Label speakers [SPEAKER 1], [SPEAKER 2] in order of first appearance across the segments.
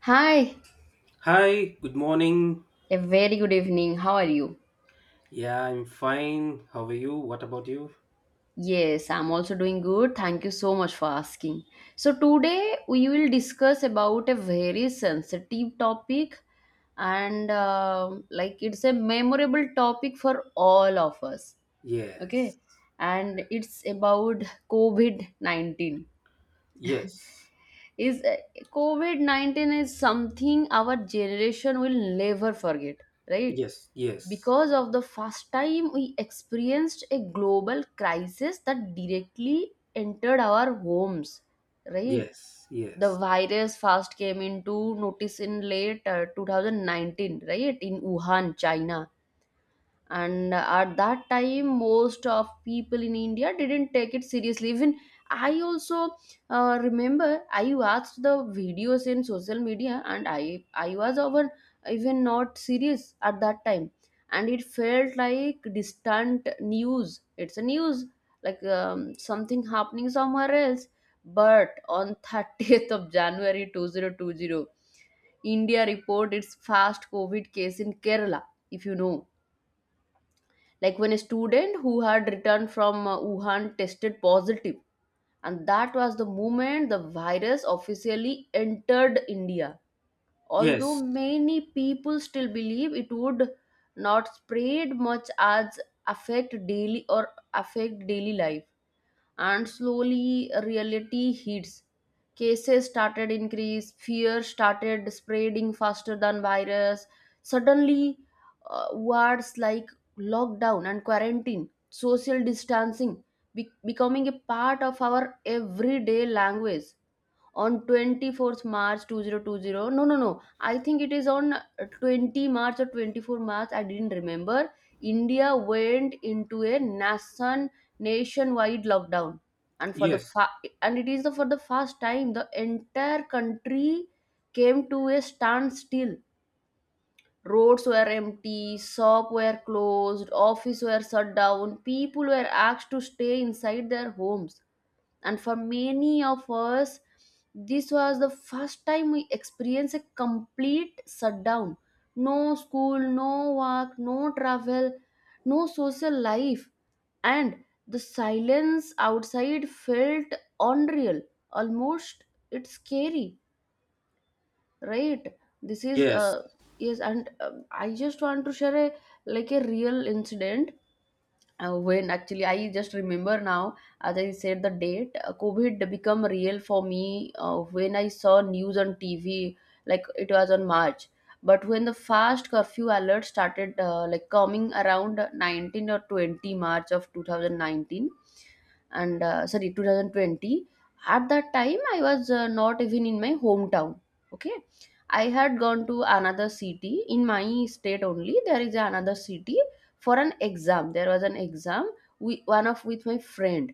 [SPEAKER 1] Hi,
[SPEAKER 2] Hi, good morning.
[SPEAKER 1] a very good evening. How are you?
[SPEAKER 2] Yeah, I'm fine. How are you? What about you?
[SPEAKER 1] Yes, I'm also doing good. Thank you so much for asking. So, today we will discuss about a very sensitive topic, and like it's a memorable topic for all of us. Okay,
[SPEAKER 2] Yes.
[SPEAKER 1] and it's about COVID 19.
[SPEAKER 2] Yes.
[SPEAKER 1] Is COVID 19 is something our generation will never forget, right?
[SPEAKER 2] Yes.
[SPEAKER 1] Because
[SPEAKER 2] Yes.
[SPEAKER 1] of the first time we experienced a global crisis that directly entered our homes, right?
[SPEAKER 2] Yes.
[SPEAKER 1] The
[SPEAKER 2] Yes.
[SPEAKER 1] virus first came into notice in late 2019, right, in Wuhan, China. And at that time, most of people in India didn't take it seriously. Even I also, remember, I watched the videos in social media, and I was even not serious at that time. And it felt like distant news, it's a news, like something happening somewhere else. But on 30th of January 2020, India reported its first COVID case in Kerala, if you know, like when a student who had returned from Wuhan tested positive, and that was the moment the virus officially entered India. Although
[SPEAKER 2] Yes.
[SPEAKER 1] many people still believe it would not spread much as affect daily or affect daily life, and slowly reality hits. Cases started increase, fear started spreading faster than virus. Suddenly, words like lockdown and quarantine, social distancing becoming a part of our everyday language. On 24th March 2020. No, no, no. I think it is on 20th March or 24th March. I didn't remember. India went into a nationwide lockdown, and for the
[SPEAKER 2] Yes.
[SPEAKER 1] fa- and it is the for the first time the entire country came to a standstill. Roads were empty, shops were closed, office were shut down. People were asked to stay inside their homes, and for many of us this was the first time we experienced a complete shutdown. No school, no work, no travel, no social life. And the silence outside felt unreal, almost. It's scary, right? this is
[SPEAKER 2] Yes.
[SPEAKER 1] Yes, and I just want to share a like a real incident. When actually I just remember now, as I said, the date, COVID become real for me when I saw news on TV, like it was on March. But when the fast curfew alert started, like coming around 19 or 20 March of 2019, and sorry, 2020. At that time I was, not even in my hometown. Okay. I had gone to another city, in my state only there is another city, for an exam, there was an exam. We one of with my friend,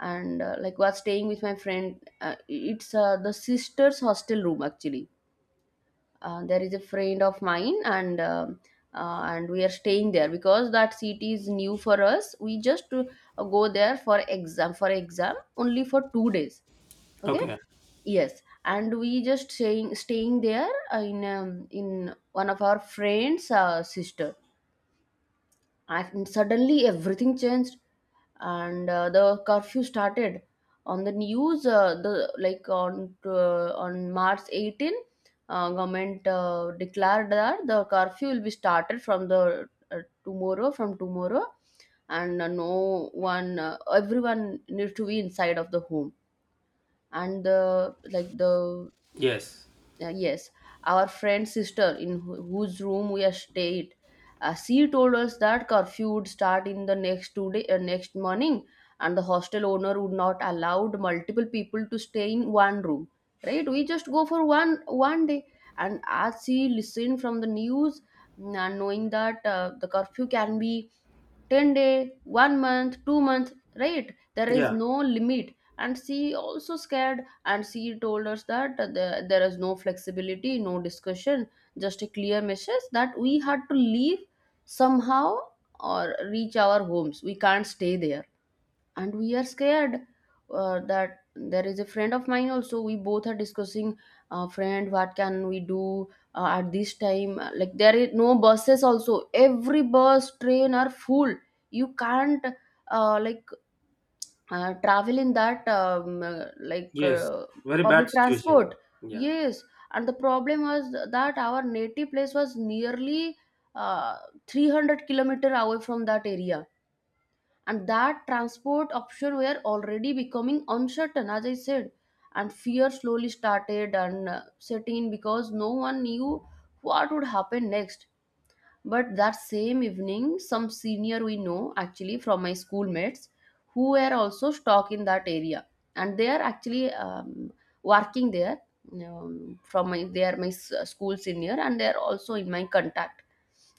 [SPEAKER 1] and like, was staying with my friend. It's the sister's hostel room actually. There is a friend of mine, and we are staying there because that city is new for us. We just go there for exam only for 2 days. Okay.
[SPEAKER 2] Okay.
[SPEAKER 1] Yes, and we just staying there, in one of our friends, sister. And suddenly everything changed. And the curfew started, on the news, the like on March 18th. Government declared that the curfew will be started from tomorrow. And no one everyone needs to be inside of the home. And the like the
[SPEAKER 2] Yes.
[SPEAKER 1] Yes, our friend's sister, in whose room we are stayed, she told us that curfew would start in the next 2 day, next morning, and the hostel owner would not allowed multiple people to stay in one room. Right? We just go for one day, and as she listened from the news, and knowing that the curfew can be 10 day, 1 month, 2-month, right? There is
[SPEAKER 2] Yeah.
[SPEAKER 1] no limit. And she also scared, and she told us that the, there is no flexibility, no discussion, just a clear message that we had to leave somehow or reach our homes. We can't stay there, and we are scared that there is a friend of mine also. We both are discussing, friend, what can we do at this time? Like there is no buses also, every bus train are full. You can't uh, like travel in that like
[SPEAKER 2] Yes.
[SPEAKER 1] uh,
[SPEAKER 2] Very bad
[SPEAKER 1] public
[SPEAKER 2] situation.
[SPEAKER 1] transport.
[SPEAKER 2] Yeah.
[SPEAKER 1] Yes. And the problem was that our native place was nearly uh, 300 kilometer away from that area, and that transport option were already becoming uncertain, as I said. And fear slowly started and set in because no one knew what would happen next. But that same evening, some senior we know actually from my schoolmates who were also stuck in that area, and they are actually working there. From my They are my school senior, and they are also in my contact.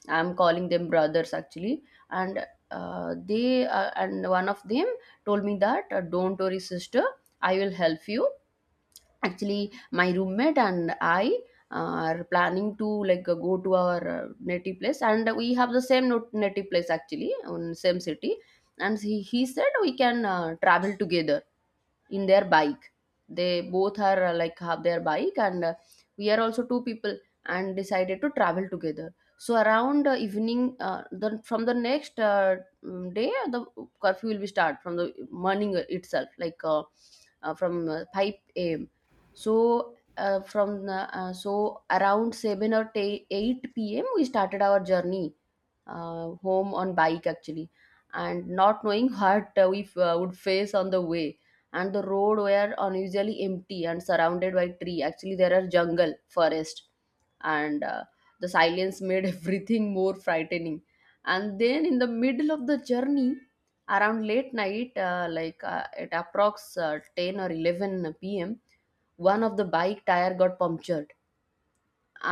[SPEAKER 1] I'm calling them brothers actually, and and one of them told me that, don't worry, sister, I will help you. Actually, my roommate and I are planning to, like, go to our native place, and we have the same native place actually, on same city. And he said we can travel together in their bike. They both are, like, have their bike, and we are also two people, and decided to travel together. So around evening, from the next day, the curfew will be start from the morning itself, like, from 5 a.m. So around 7 or 8 pm we started our journey, home on bike actually. And not knowing what we would face on the way. And the road were unusually empty and surrounded by tree, actually there are jungle forest, and the silence made everything more frightening. And then in the middle of the journey, around late night, at approx 10 or 11 p.m, one of the bike tire got punctured.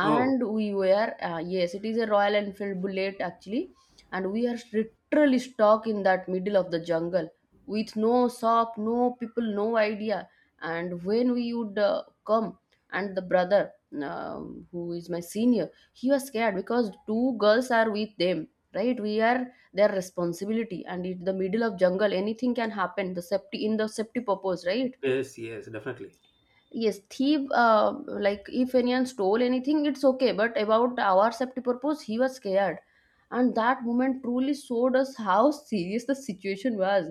[SPEAKER 2] Oh,
[SPEAKER 1] we were yes, it is a Royal Enfield Bullet actually. And we are literally stuck in that middle of the jungle, with no shop, no people, no idea, and when we would, come. And the brother, who is my senior, he was scared because two girls are with them, right? We are their responsibility, and in the middle of jungle anything can happen, the safety in the safety purpose, right?
[SPEAKER 2] yes, yes, definitely.
[SPEAKER 1] Yes, thief, like if anyone stole anything, it's okay. But about our safety purpose, he was scared. And that moment truly showed us how serious the situation was.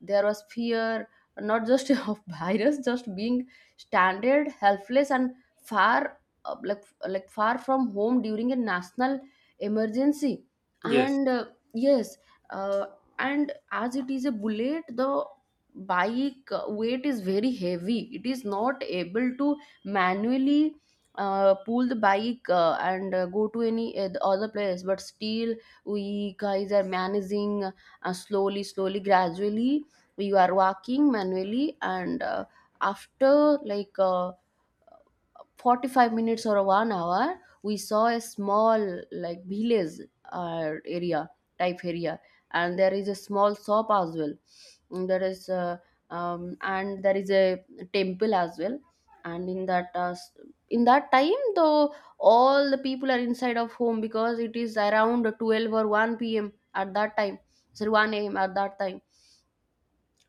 [SPEAKER 1] There was fear, not just of virus, just being stranded, helpless, and far, like far from home during a national emergency.
[SPEAKER 2] Yes.
[SPEAKER 1] And yes, uh, and as it is a bullet, the bike weight is very heavy, it is not able to manually pull the bike and go to any the other place. But still we guys are managing, slowly slowly gradually we are walking manually, and after like 45 minutes or 1 hour, we saw a small like village area type area, and there is a small shop as well. And there is a, and there is a temple as well, and in that time though, all the people are inside of home because it is around 12 or 1 p.m at that time, sorry, 1 a.m at that time.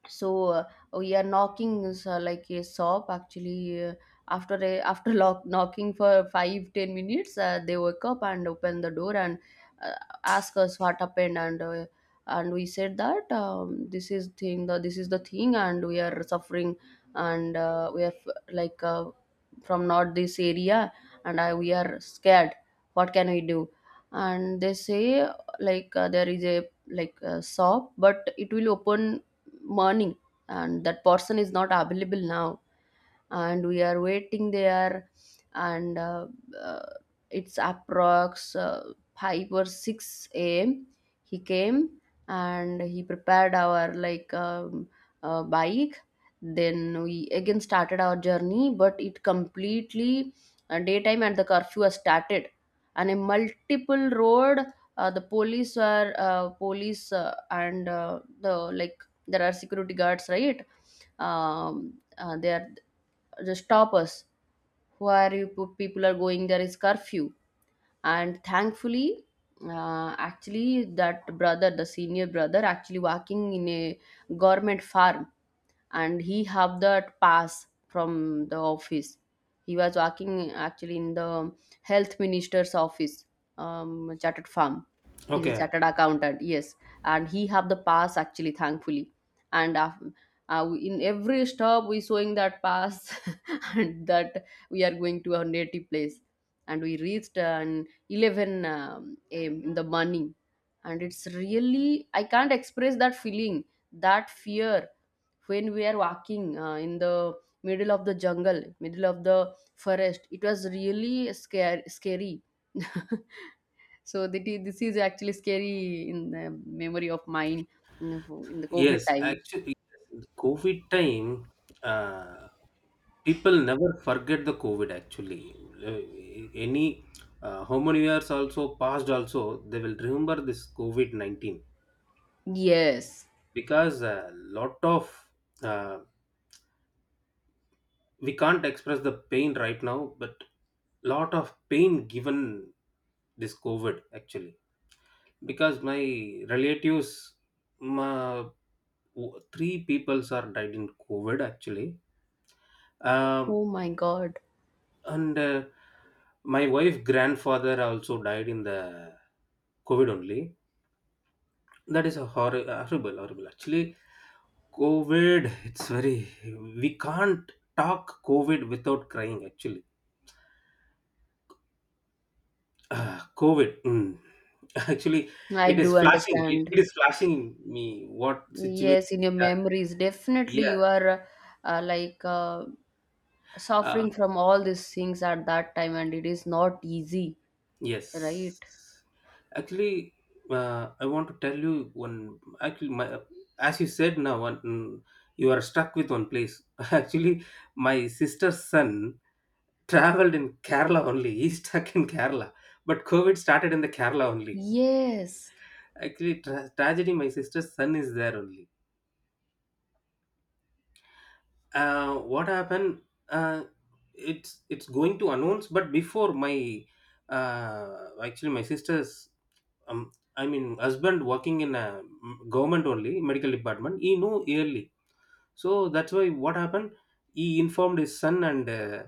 [SPEAKER 1] so uh, we are knocking, is, like a shop actually, knocking for 5-10 minutes, they woke up and opened the door, and uh, ask us what happened, and we said that, this is the thing, and we are suffering, and we are like, from not this area, and we are scared, what can we do. And they say, like, there is a like a shop, but it will open morning, and that person is not available now. And we are waiting there, and uh, it's approx 5 or 6 a.m, he came, and he prepared our, like, bike. Then we again started our journey, but it completely daytime, and the curfew has started. And a multiple road, the police were, police, and the like there are security guards, right? They are just stop us, where you put people are going, there is curfew. And thankfully, actually that brother, the senior brother, actually working in a government farm, and he have that pass from the office. He was working actually in the health minister's office, chartered firm, he's a
[SPEAKER 2] Okay.
[SPEAKER 1] chartered accountant, yes. And he have the pass actually, thankfully. And in every stop we showing that pass and that we are going to our native place. And we reached an 11 am in the morning. And it's really, I can't express that feeling, that fear when we are walking in the middle of the jungle, middle of the forest. It was really scary. So this is actually scary in the memory of mine, you know, in the covid
[SPEAKER 2] Yes.
[SPEAKER 1] time.
[SPEAKER 2] Actually, yes. COVID time, uh, people never forget the covid actually. Uh, any how many years also passed also, they will remember this covid-19
[SPEAKER 1] Yes.
[SPEAKER 2] because a lot of, uh, we can't express the pain right now, but lot of pain given this covid actually, because my relatives, my, three peoples are died in covid actually, um,
[SPEAKER 1] Oh my god.
[SPEAKER 2] and my wife grandfather also died in the covid only. That is a horrible horrible horrible actually. Covid, it's very, we can't talk covid without crying actually. Ah, covid, mm. Actually,
[SPEAKER 1] I
[SPEAKER 2] it
[SPEAKER 1] do
[SPEAKER 2] is flashing,
[SPEAKER 1] understand.
[SPEAKER 2] it is flashing me what situation.
[SPEAKER 1] Yes, in your
[SPEAKER 2] Yeah,
[SPEAKER 1] memories definitely
[SPEAKER 2] yeah.
[SPEAKER 1] you are uh, like uh,
[SPEAKER 2] uh,
[SPEAKER 1] suffering from all these things at that time, and it is not easy, right?
[SPEAKER 2] Yes. Actually, I want to tell you one. Actually, my, as you said now, one, mm, you are stuck with one place. Actually, my sister's son traveled in Kerala only. He's stuck in Kerala, but COVID started in the Kerala only.
[SPEAKER 1] Yes,
[SPEAKER 2] Actually, tragedy. My sister's son is there only. What happened? Uh, it's going to announce, but before my, uh, actually my sister's, um, I mean husband working in a, mm, government only medical department, he knew early. So that's why what happened, he informed his son and,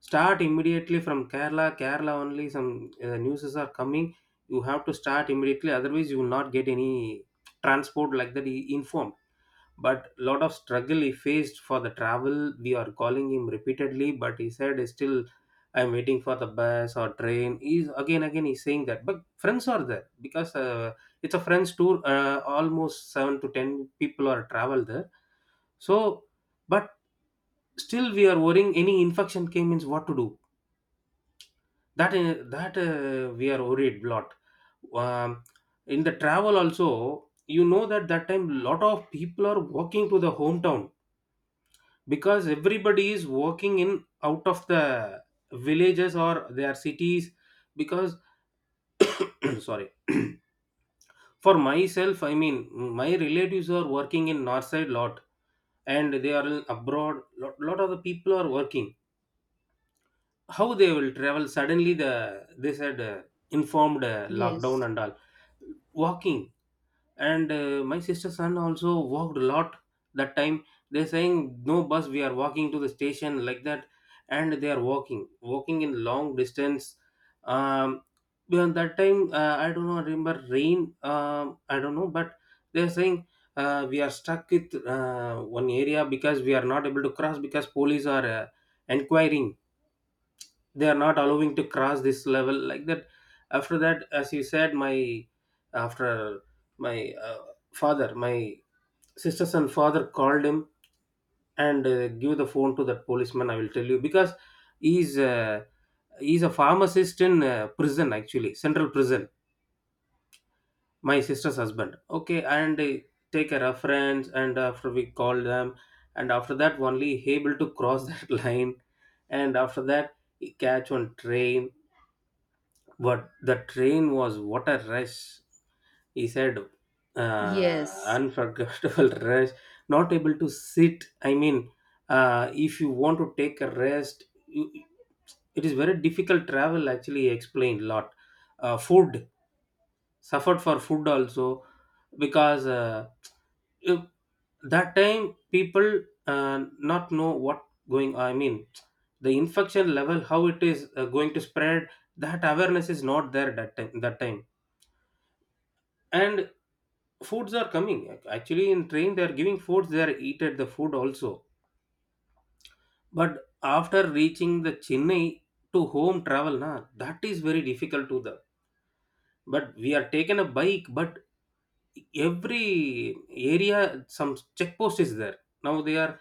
[SPEAKER 2] start immediately from Kerala. Kerala only some, newses are coming, you have to start immediately, otherwise you will not get any transport, like that he informed. But lot of struggle he faced for the travel. We are calling him repeatedly, but he said still I'm waiting for the bus or train, he's again he's saying that. But friends are there, because it's a friends tour, almost 7 to 10 people are travel there. So, but still we are worrying, any infection came means what to do, that that we are worried lot. Um, in the travel also, you know that that time lot of people are walking to the hometown, because everybody is working in out of the villages or their cities, because sorry for myself, I mean my relatives are working in north side lot, and they are in abroad lot, lot of the people are working. How they will travel suddenly? They said, informed, lockdown
[SPEAKER 1] yes.
[SPEAKER 2] and all, walking. And my sister's son also walked a lot that time. They're saying no bus, we are walking to the station, like that. And they are walking in long distance. Um, beyond that time, I don't know, I remember rain, um, I don't know, but they're saying, we are stuck with one area because we are not able to cross, because police are, inquiring, they are not allowing to cross this level, like that. After that, as you said, my, after my, father, my sisters and father called him, and, give the phone to that policeman, I will tell you, because he's, he's a pharmacist in, prison, actually central prison. My sister's husband, okay, and, take a reference, and after we called them, and after that only he able to cross that line. And after that he catch one train. But the train was what a rush, he said.
[SPEAKER 1] Yes.
[SPEAKER 2] Unforgettable rush. Not able to sit. I mean, if you want to take a rest, you, it is very difficult travel. Actually, he explained a lot. Food, suffered for food also, because if- that time people, uh, not know what going, I mean the infection level how it is going to spread. That awareness is not there that time, that time. And foods are coming actually in train, they are giving foods, they are eat at the food also. But after reaching the Chennai, to home travel na, that is very difficult to them. But we are taken a bike, but every area some check post is there. Now they are,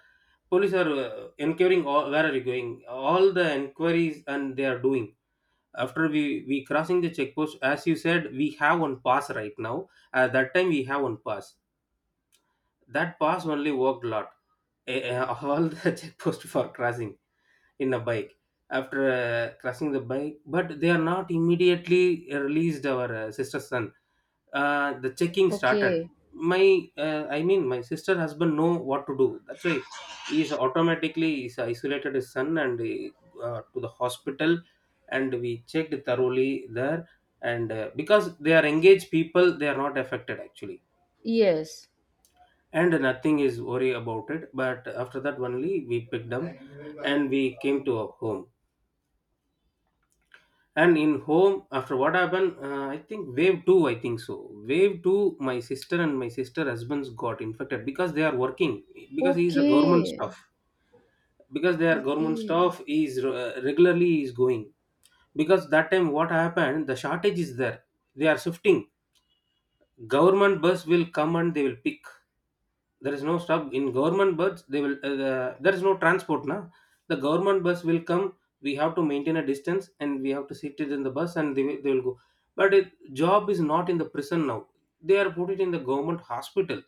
[SPEAKER 2] police are, enquiring all, where are you going, all the enquiries, and they are doing. After we crossing the check post, as you said, we have one pass right now, at that time we have one pass, that pass only worked lot. Eh, eh, all the check post for crossing in a bike. After, crashing the bike, but they are not immediately released our, sister's son, the checking started.
[SPEAKER 1] Okay.
[SPEAKER 2] My, I mean my sister husband know what to do, that's why he is automatically is isolated his son, and he, to the hospital, and we checked thoroughly there. And because they are engaged people, they are not affected actually,
[SPEAKER 1] Yes.
[SPEAKER 2] and nothing is worry about it. But after that only we picked them, and we came to our home. And in home after what happened, I think wave 2, I think so, wave 2, my sister and my sister husbands got infected, because they are working, because he is a government
[SPEAKER 1] Okay.
[SPEAKER 2] staff. Because they are government
[SPEAKER 1] Okay.
[SPEAKER 2] staff, he is, regularly is going. Because that time what happened, the shortage is there, they are shifting. Government bus will come and they will pick, there is no stop in government bus. They will, there is no transport now, the government bus will come, we have to maintain a distance, and we have to sit it in the bus, and they will go. But it, job is not in the prison now, they are put it in the government hospital.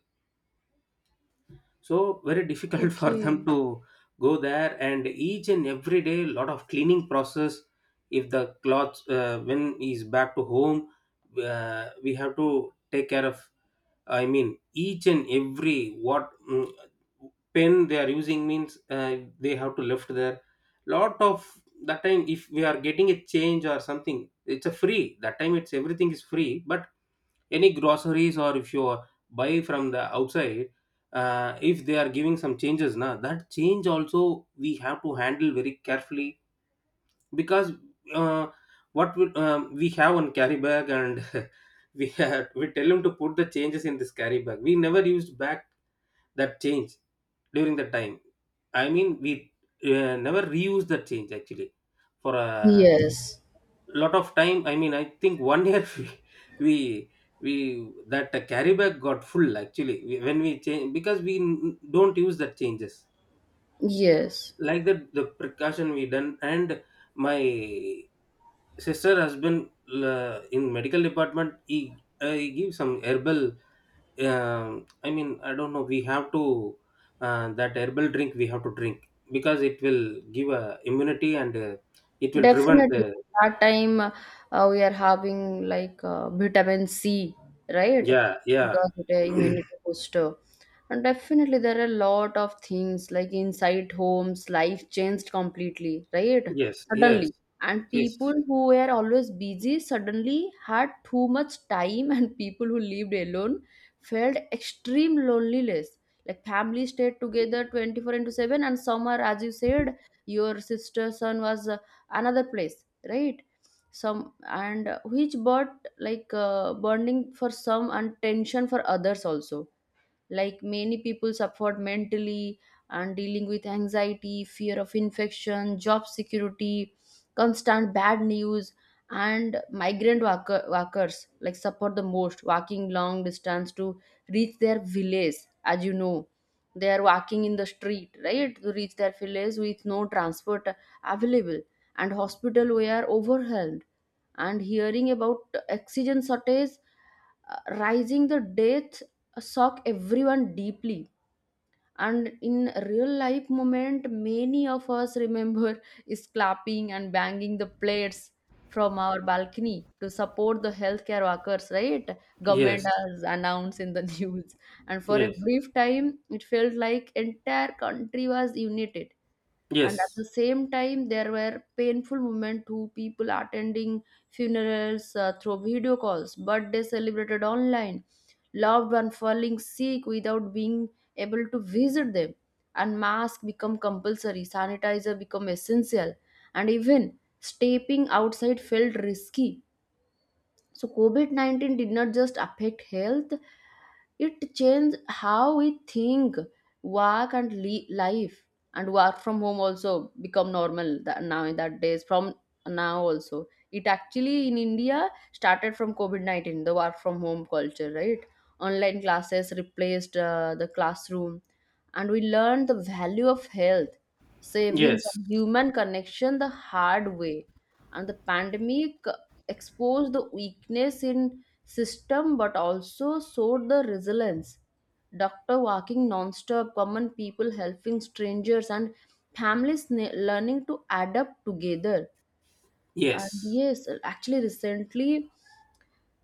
[SPEAKER 2] So very difficult for
[SPEAKER 1] Okay.
[SPEAKER 2] them to go there, and each and every day lot of cleaning process. If the clothes, when he's back to home, we have to take care of. I mean, each and every what, mm, pen they are using means, they have to lift their, lot of that time. If we are getting a change or something, it's a free that time, it's everything is free. But any groceries, or if you are buy from the outside, if they are giving some changes now, that change also we have to handle very carefully, because, uh, what we have on carry bag, and we have, we tell him to put the changes in this carry bag, we never used back that change during the time. I mean we, never reused that change actually for a
[SPEAKER 1] Yes.
[SPEAKER 2] lot of time. I mean I think 1 year, we we, we that, carry bag got full actually, we, when we change, because we don't use that changes,
[SPEAKER 1] Yes.
[SPEAKER 2] like that the precaution we done. And my sister has been, in medical department, he gives some herbal, um, I mean I don't know, we have to, that herbal drink we have to drink, because it will give a immunity, and it will prevent,
[SPEAKER 1] Definitely.
[SPEAKER 2] uh.
[SPEAKER 1] That time we are having like vitamin C, right?
[SPEAKER 2] Yeah, yeah.
[SPEAKER 1] Because it a immunity booster. And definitely there are a lot of things like inside homes, life changed completely, right?
[SPEAKER 2] Yes, yes.
[SPEAKER 1] Suddenly. And
[SPEAKER 2] Yes,
[SPEAKER 1] people who were always busy suddenly had too much time, and people who lived alone felt extreme loneliness. Like family stayed together 24 into 7, and some are, as you said, your sister son was another place, right? Some, and which brought bonding for some and tension for others also. Like many people suffered mentally and dealing with anxiety, fear of infection, job security, constant bad news. And workers like suffer the most, walking long distance to reach their village. As you know, they are walking in the street, right, to reach their village with no transport available. And hospital were overwhelmed, and hearing about oxygen shortage, rising the death, shock everyone deeply. And in real life moment, many of us remember is clapping and banging the plates from our balcony to support the healthcare workers, right? Government
[SPEAKER 2] yes.
[SPEAKER 1] has announced in the news. And for a
[SPEAKER 2] Yes,
[SPEAKER 1] brief time, it felt like entire country was united. And at the
[SPEAKER 2] yes.
[SPEAKER 1] same time, there were painful moments to people attending funerals through video calls, birthday celebrated online, loved one falling sick without being able to visit them. And mask become compulsory, sanitizer become essential, and even stepping outside felt risky. So COVID 19 did not just affect health, it changed how we think, work, and life. And work from home also become normal, that now in that days from now also. It actually in India started from COVID 19, the work from home culture, right? Online classes replaced the classroom, and we learned the value of health, savings,
[SPEAKER 2] Yes,
[SPEAKER 1] and human connection the hard way. And the pandemic expose the weakness in system, but also showed the resilience, doctor walking non-stop, common people helping strangers, and families learning to adapt together. And
[SPEAKER 2] yes.
[SPEAKER 1] yes, actually recently,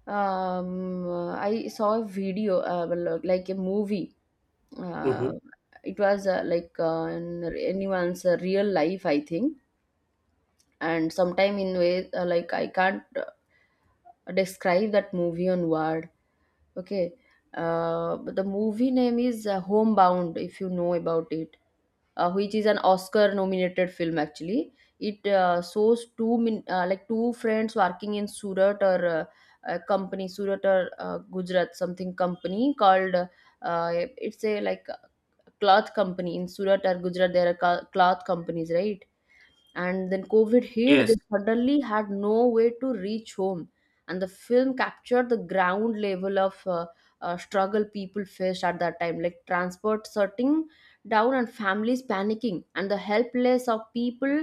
[SPEAKER 1] um, I saw a video, well, like a movie. uh,
[SPEAKER 2] Mm-hmm.
[SPEAKER 1] it was in anyone's real life, I think. And sometime in way, I can't describe that movie on word. Okay. But the movie name is Homebound, if you know about it, which is an Oscar-nominated film. Actually, it shows two min- like two friends working in Surat or a company, Surat or Gujarat something company called. Uh, it's a like cloth company in Surat or Gujarat. There are cloth companies, right? And then covid hit, they
[SPEAKER 2] Yes.
[SPEAKER 1] suddenly had no way to reach home. And the film captured the ground level of struggle people faced at that time, like transport shutting down and families panicking and the helpless of people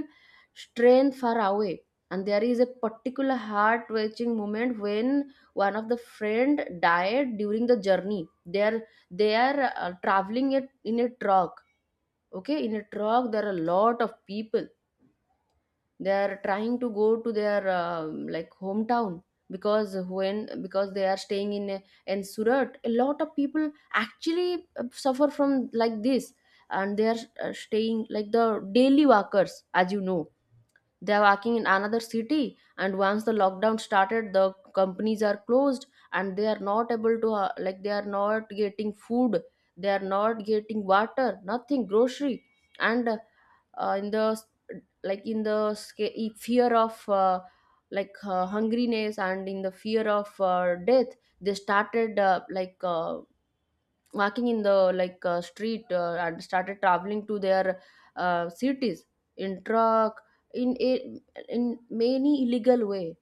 [SPEAKER 1] strained far away. And there is a particular heart-wrenching moment when one of the friend died during the journey. They are traveling it in a truck. Okay, in a truck there are a lot of people. They are trying to go to their hometown. Because they are staying in in Surat. A lot of people actually suffer from like this. And they are staying like the daily workers, as you know. They're working in another city, and once the lockdown started, the companies are closed, and they are not able to they are not getting food, they are not getting water, nothing, grocery. And in the, like in the fear of hungriness, and in the fear of death, they started walking in the street, and started traveling to their cities in truck, in a, in many illegal way.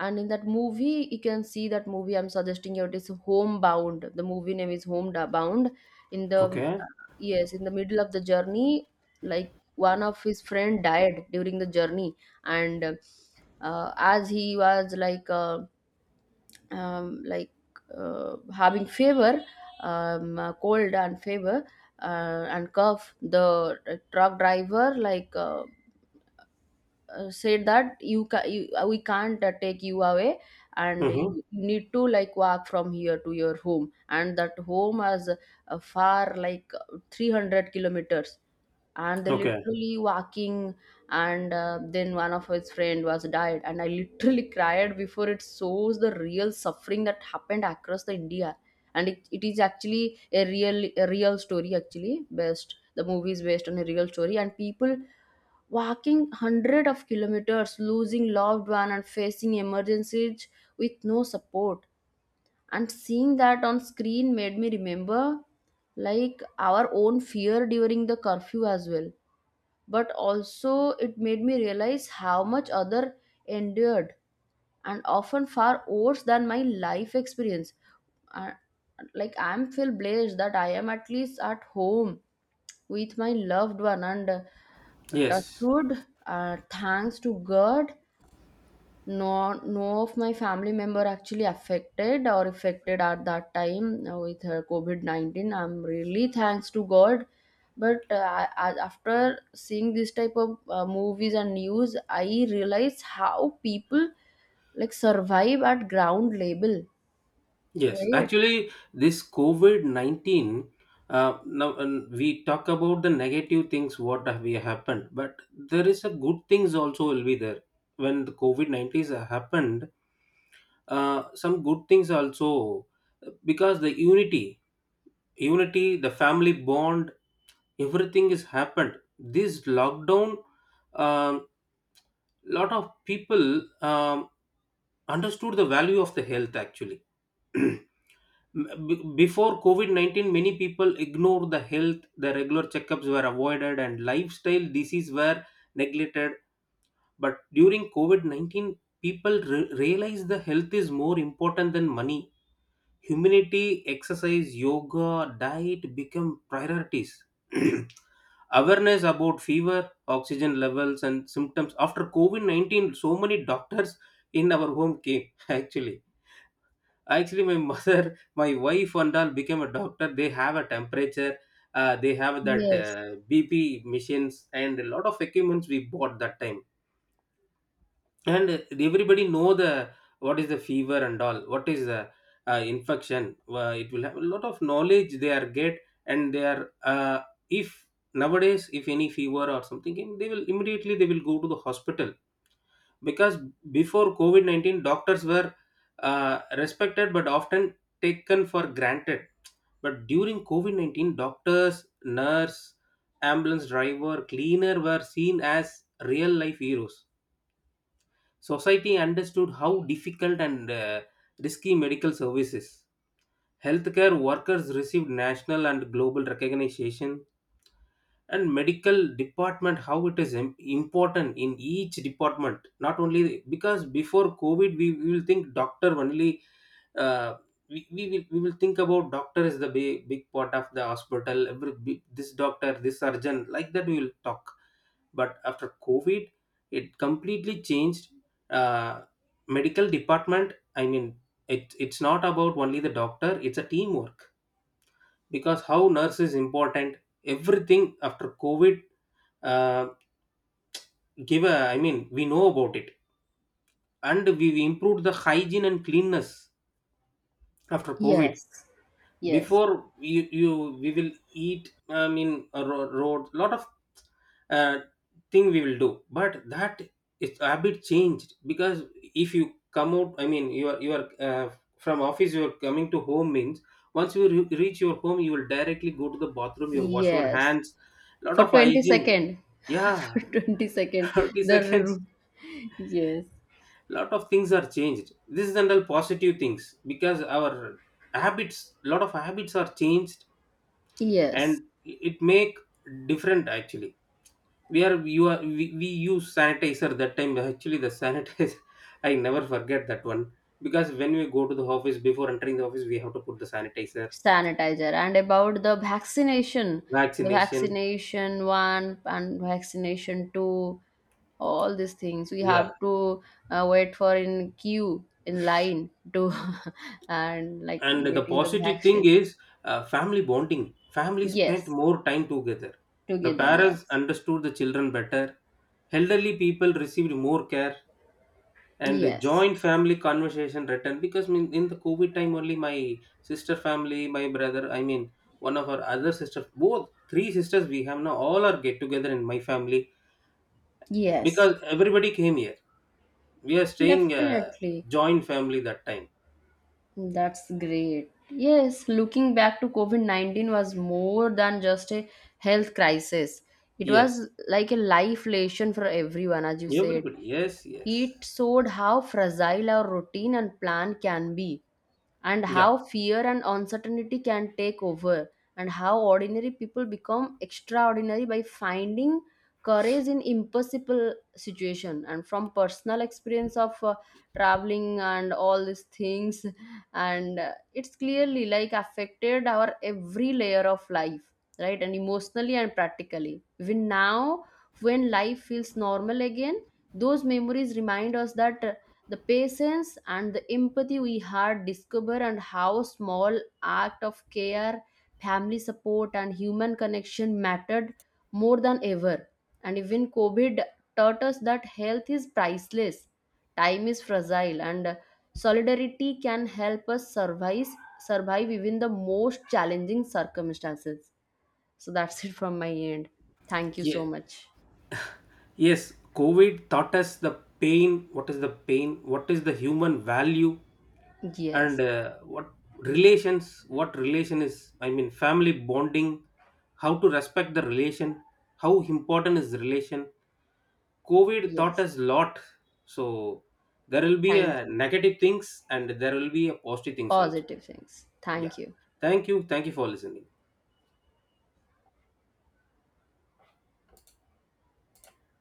[SPEAKER 1] And in that movie, you can see that movie, I'm suggesting you, it is Homebound. The movie name is Homebound. In the,
[SPEAKER 2] Okay.
[SPEAKER 1] yes, in the middle of the journey, like one of his friend died during the journey. And as he was um, like having fever, cold and fever, and cough. The truck driver said that you, ca- you we can't take you away, and
[SPEAKER 2] Mm-hmm.
[SPEAKER 1] you need to like walk from here to your home. And that home is far, like 300 kilometers, and they
[SPEAKER 2] Okay.
[SPEAKER 1] literally walking. And then one of his friend was died, and I literally cried. Before it shows the real suffering that happened across the India. And it is actually a real story actually. Based The movie is based on a real story, and people walking hundred of kilometers, losing loved one and facing emergencies with no support. And seeing that on screen made me remember like our own fear during the curfew as well. But also it made me realize how much other endured, and often far worse than my life experience. I, I'm feel blessed that I am at least at home with my loved one. And touch
[SPEAKER 2] Yes.
[SPEAKER 1] wood, thanks to god, no no of my family member actually affected or affected at that time with her covid-19. I'm really thanks to god. But after seeing this type of movies and news, I realize how people like survive at ground level.
[SPEAKER 2] Yes,
[SPEAKER 1] Right.
[SPEAKER 2] actually, this COVID 19. Now and we talk about the negative things what have we happened, but there is a good things also will be there when the COVID 19 happened. Some good things also, because the unity, unity, the family bond, everything is happened. This lockdown, um, lot of people, understood the value of the health actually. Before COVID 19, many people ignored the health, the regular checkups were avoided, and lifestyle diseases were neglected. But during COVID 19, people realized the health is more important than money. Humanity, exercise, yoga, diet become priorities. Awareness about fever, oxygen levels, and symptoms after COVID 19, so many doctors in our home came actually. Actually, my mother, my wife, and all became a doctor. They have a temperature. They have that
[SPEAKER 1] Yes,
[SPEAKER 2] BP machines and a lot of equipments we bought that time. And everybody know the what is the fever and all. What is the, infection? It will have a lot of knowledge they are get, and they are, if nowadays if any fever or something came, they will immediately they will go to the hospital. Because before COVID 19, doctors were, respected but often taken for granted. But during COVID 19, doctors, nurse, ambulance driver, cleaner were seen as real life heroes. Society understood how difficult and risky medical services. Healthcare workers received national and global recognition, and medical department how it is important in each department. Not only because before covid we will think doctor only. Uh, we will think about doctor is the big, big part of the hospital, every big-, this doctor this surgeon, like that we will talk. But after covid it completely changed. Uh, medical department, I mean, it, it's not about only the doctor, it's a teamwork, because how nurse is important. Everything after covid, uh, give a, I mean we know about it. And we improved the hygiene and cleanness after covid.
[SPEAKER 1] yes, yes,
[SPEAKER 2] Before you, you we will eat, I mean a road lot of, uh, thing we will do, but that is, it's a bit changed. Because if you come out, I mean you are you are, from office you are coming to home means, once you reach your home, you will directly go to the bathroom, you wash your
[SPEAKER 1] yes.
[SPEAKER 2] hands, lot
[SPEAKER 1] For
[SPEAKER 2] of
[SPEAKER 1] 20
[SPEAKER 2] hygiene.
[SPEAKER 1] second.
[SPEAKER 2] Yeah.
[SPEAKER 1] For 20 second.
[SPEAKER 2] 30
[SPEAKER 1] the
[SPEAKER 2] seconds.
[SPEAKER 1] ru- yes.
[SPEAKER 2] Lot of things are changed, this is all positive things, because our habits, lot of habits are changed,
[SPEAKER 1] Yes.
[SPEAKER 2] and it make different actually. We are you are we use sanitizer that time, actually the sanitizer, I never forget that one, because when we go to the office, before entering the office, we have to put the sanitizer.
[SPEAKER 1] Sanitizer. And about the vaccination, the
[SPEAKER 2] Vaccination.
[SPEAKER 1] vaccination one and vaccination two, all these things we have
[SPEAKER 2] Yeah.
[SPEAKER 1] to wait for in queue in line to and like
[SPEAKER 2] And the
[SPEAKER 1] getting the
[SPEAKER 2] positive thing
[SPEAKER 1] vaccine.
[SPEAKER 2] is, family bonding. Family spent
[SPEAKER 1] Yes,
[SPEAKER 2] more time together, the
[SPEAKER 1] together.
[SPEAKER 2] parents
[SPEAKER 1] Yes,
[SPEAKER 2] understood the children better, elderly people received more care, and a
[SPEAKER 1] yes,
[SPEAKER 2] joint family conversation returned. Because mean in the covid time only my sister family, my brother, I mean one of our other sisters, both three sisters we have now, all are get together in my family,
[SPEAKER 1] yes.
[SPEAKER 2] because everybody came here, we are staying,
[SPEAKER 1] Definitely.
[SPEAKER 2] joint family that time.
[SPEAKER 1] That's great. Yes, looking back to COVID 19 was more than just a health crisis. It
[SPEAKER 2] Yes.
[SPEAKER 1] was like a life lesson for everyone, as you said.
[SPEAKER 2] Everybody, yes, yes.
[SPEAKER 1] It showed how fragile our routine and plan can be, and
[SPEAKER 2] Yeah,
[SPEAKER 1] how fear and uncertainty can take over, and how ordinary people become extraordinary by finding courage in impossible situation. And from personal experience of traveling and all these things, and it's clearly like affected our every layer of life, right? And emotionally and practically, even now when life feels normal again, those memories remind us that the patience and the empathy we had discover, and how small act of care, family support and human connection mattered more than ever. And even covid taught us that health is priceless, time is fragile, and solidarity can help us survive even the most challenging circumstances. So that's it from my end. Thank you
[SPEAKER 2] yeah.
[SPEAKER 1] so much.
[SPEAKER 2] Yes, COVID taught us the pain. What is the pain? What is the human value? And,
[SPEAKER 1] Yes,
[SPEAKER 2] what relations? What relation is? I mean, family bonding. How to respect the relation? How important is the relation? COVID taught
[SPEAKER 1] yes,
[SPEAKER 2] us lot. So there will be
[SPEAKER 1] thank
[SPEAKER 2] a
[SPEAKER 1] you.
[SPEAKER 2] negative things and there will be a positive things also.
[SPEAKER 1] Positive things.
[SPEAKER 2] Yeah.
[SPEAKER 1] Thank you.
[SPEAKER 2] Thank you. Thank you for listening.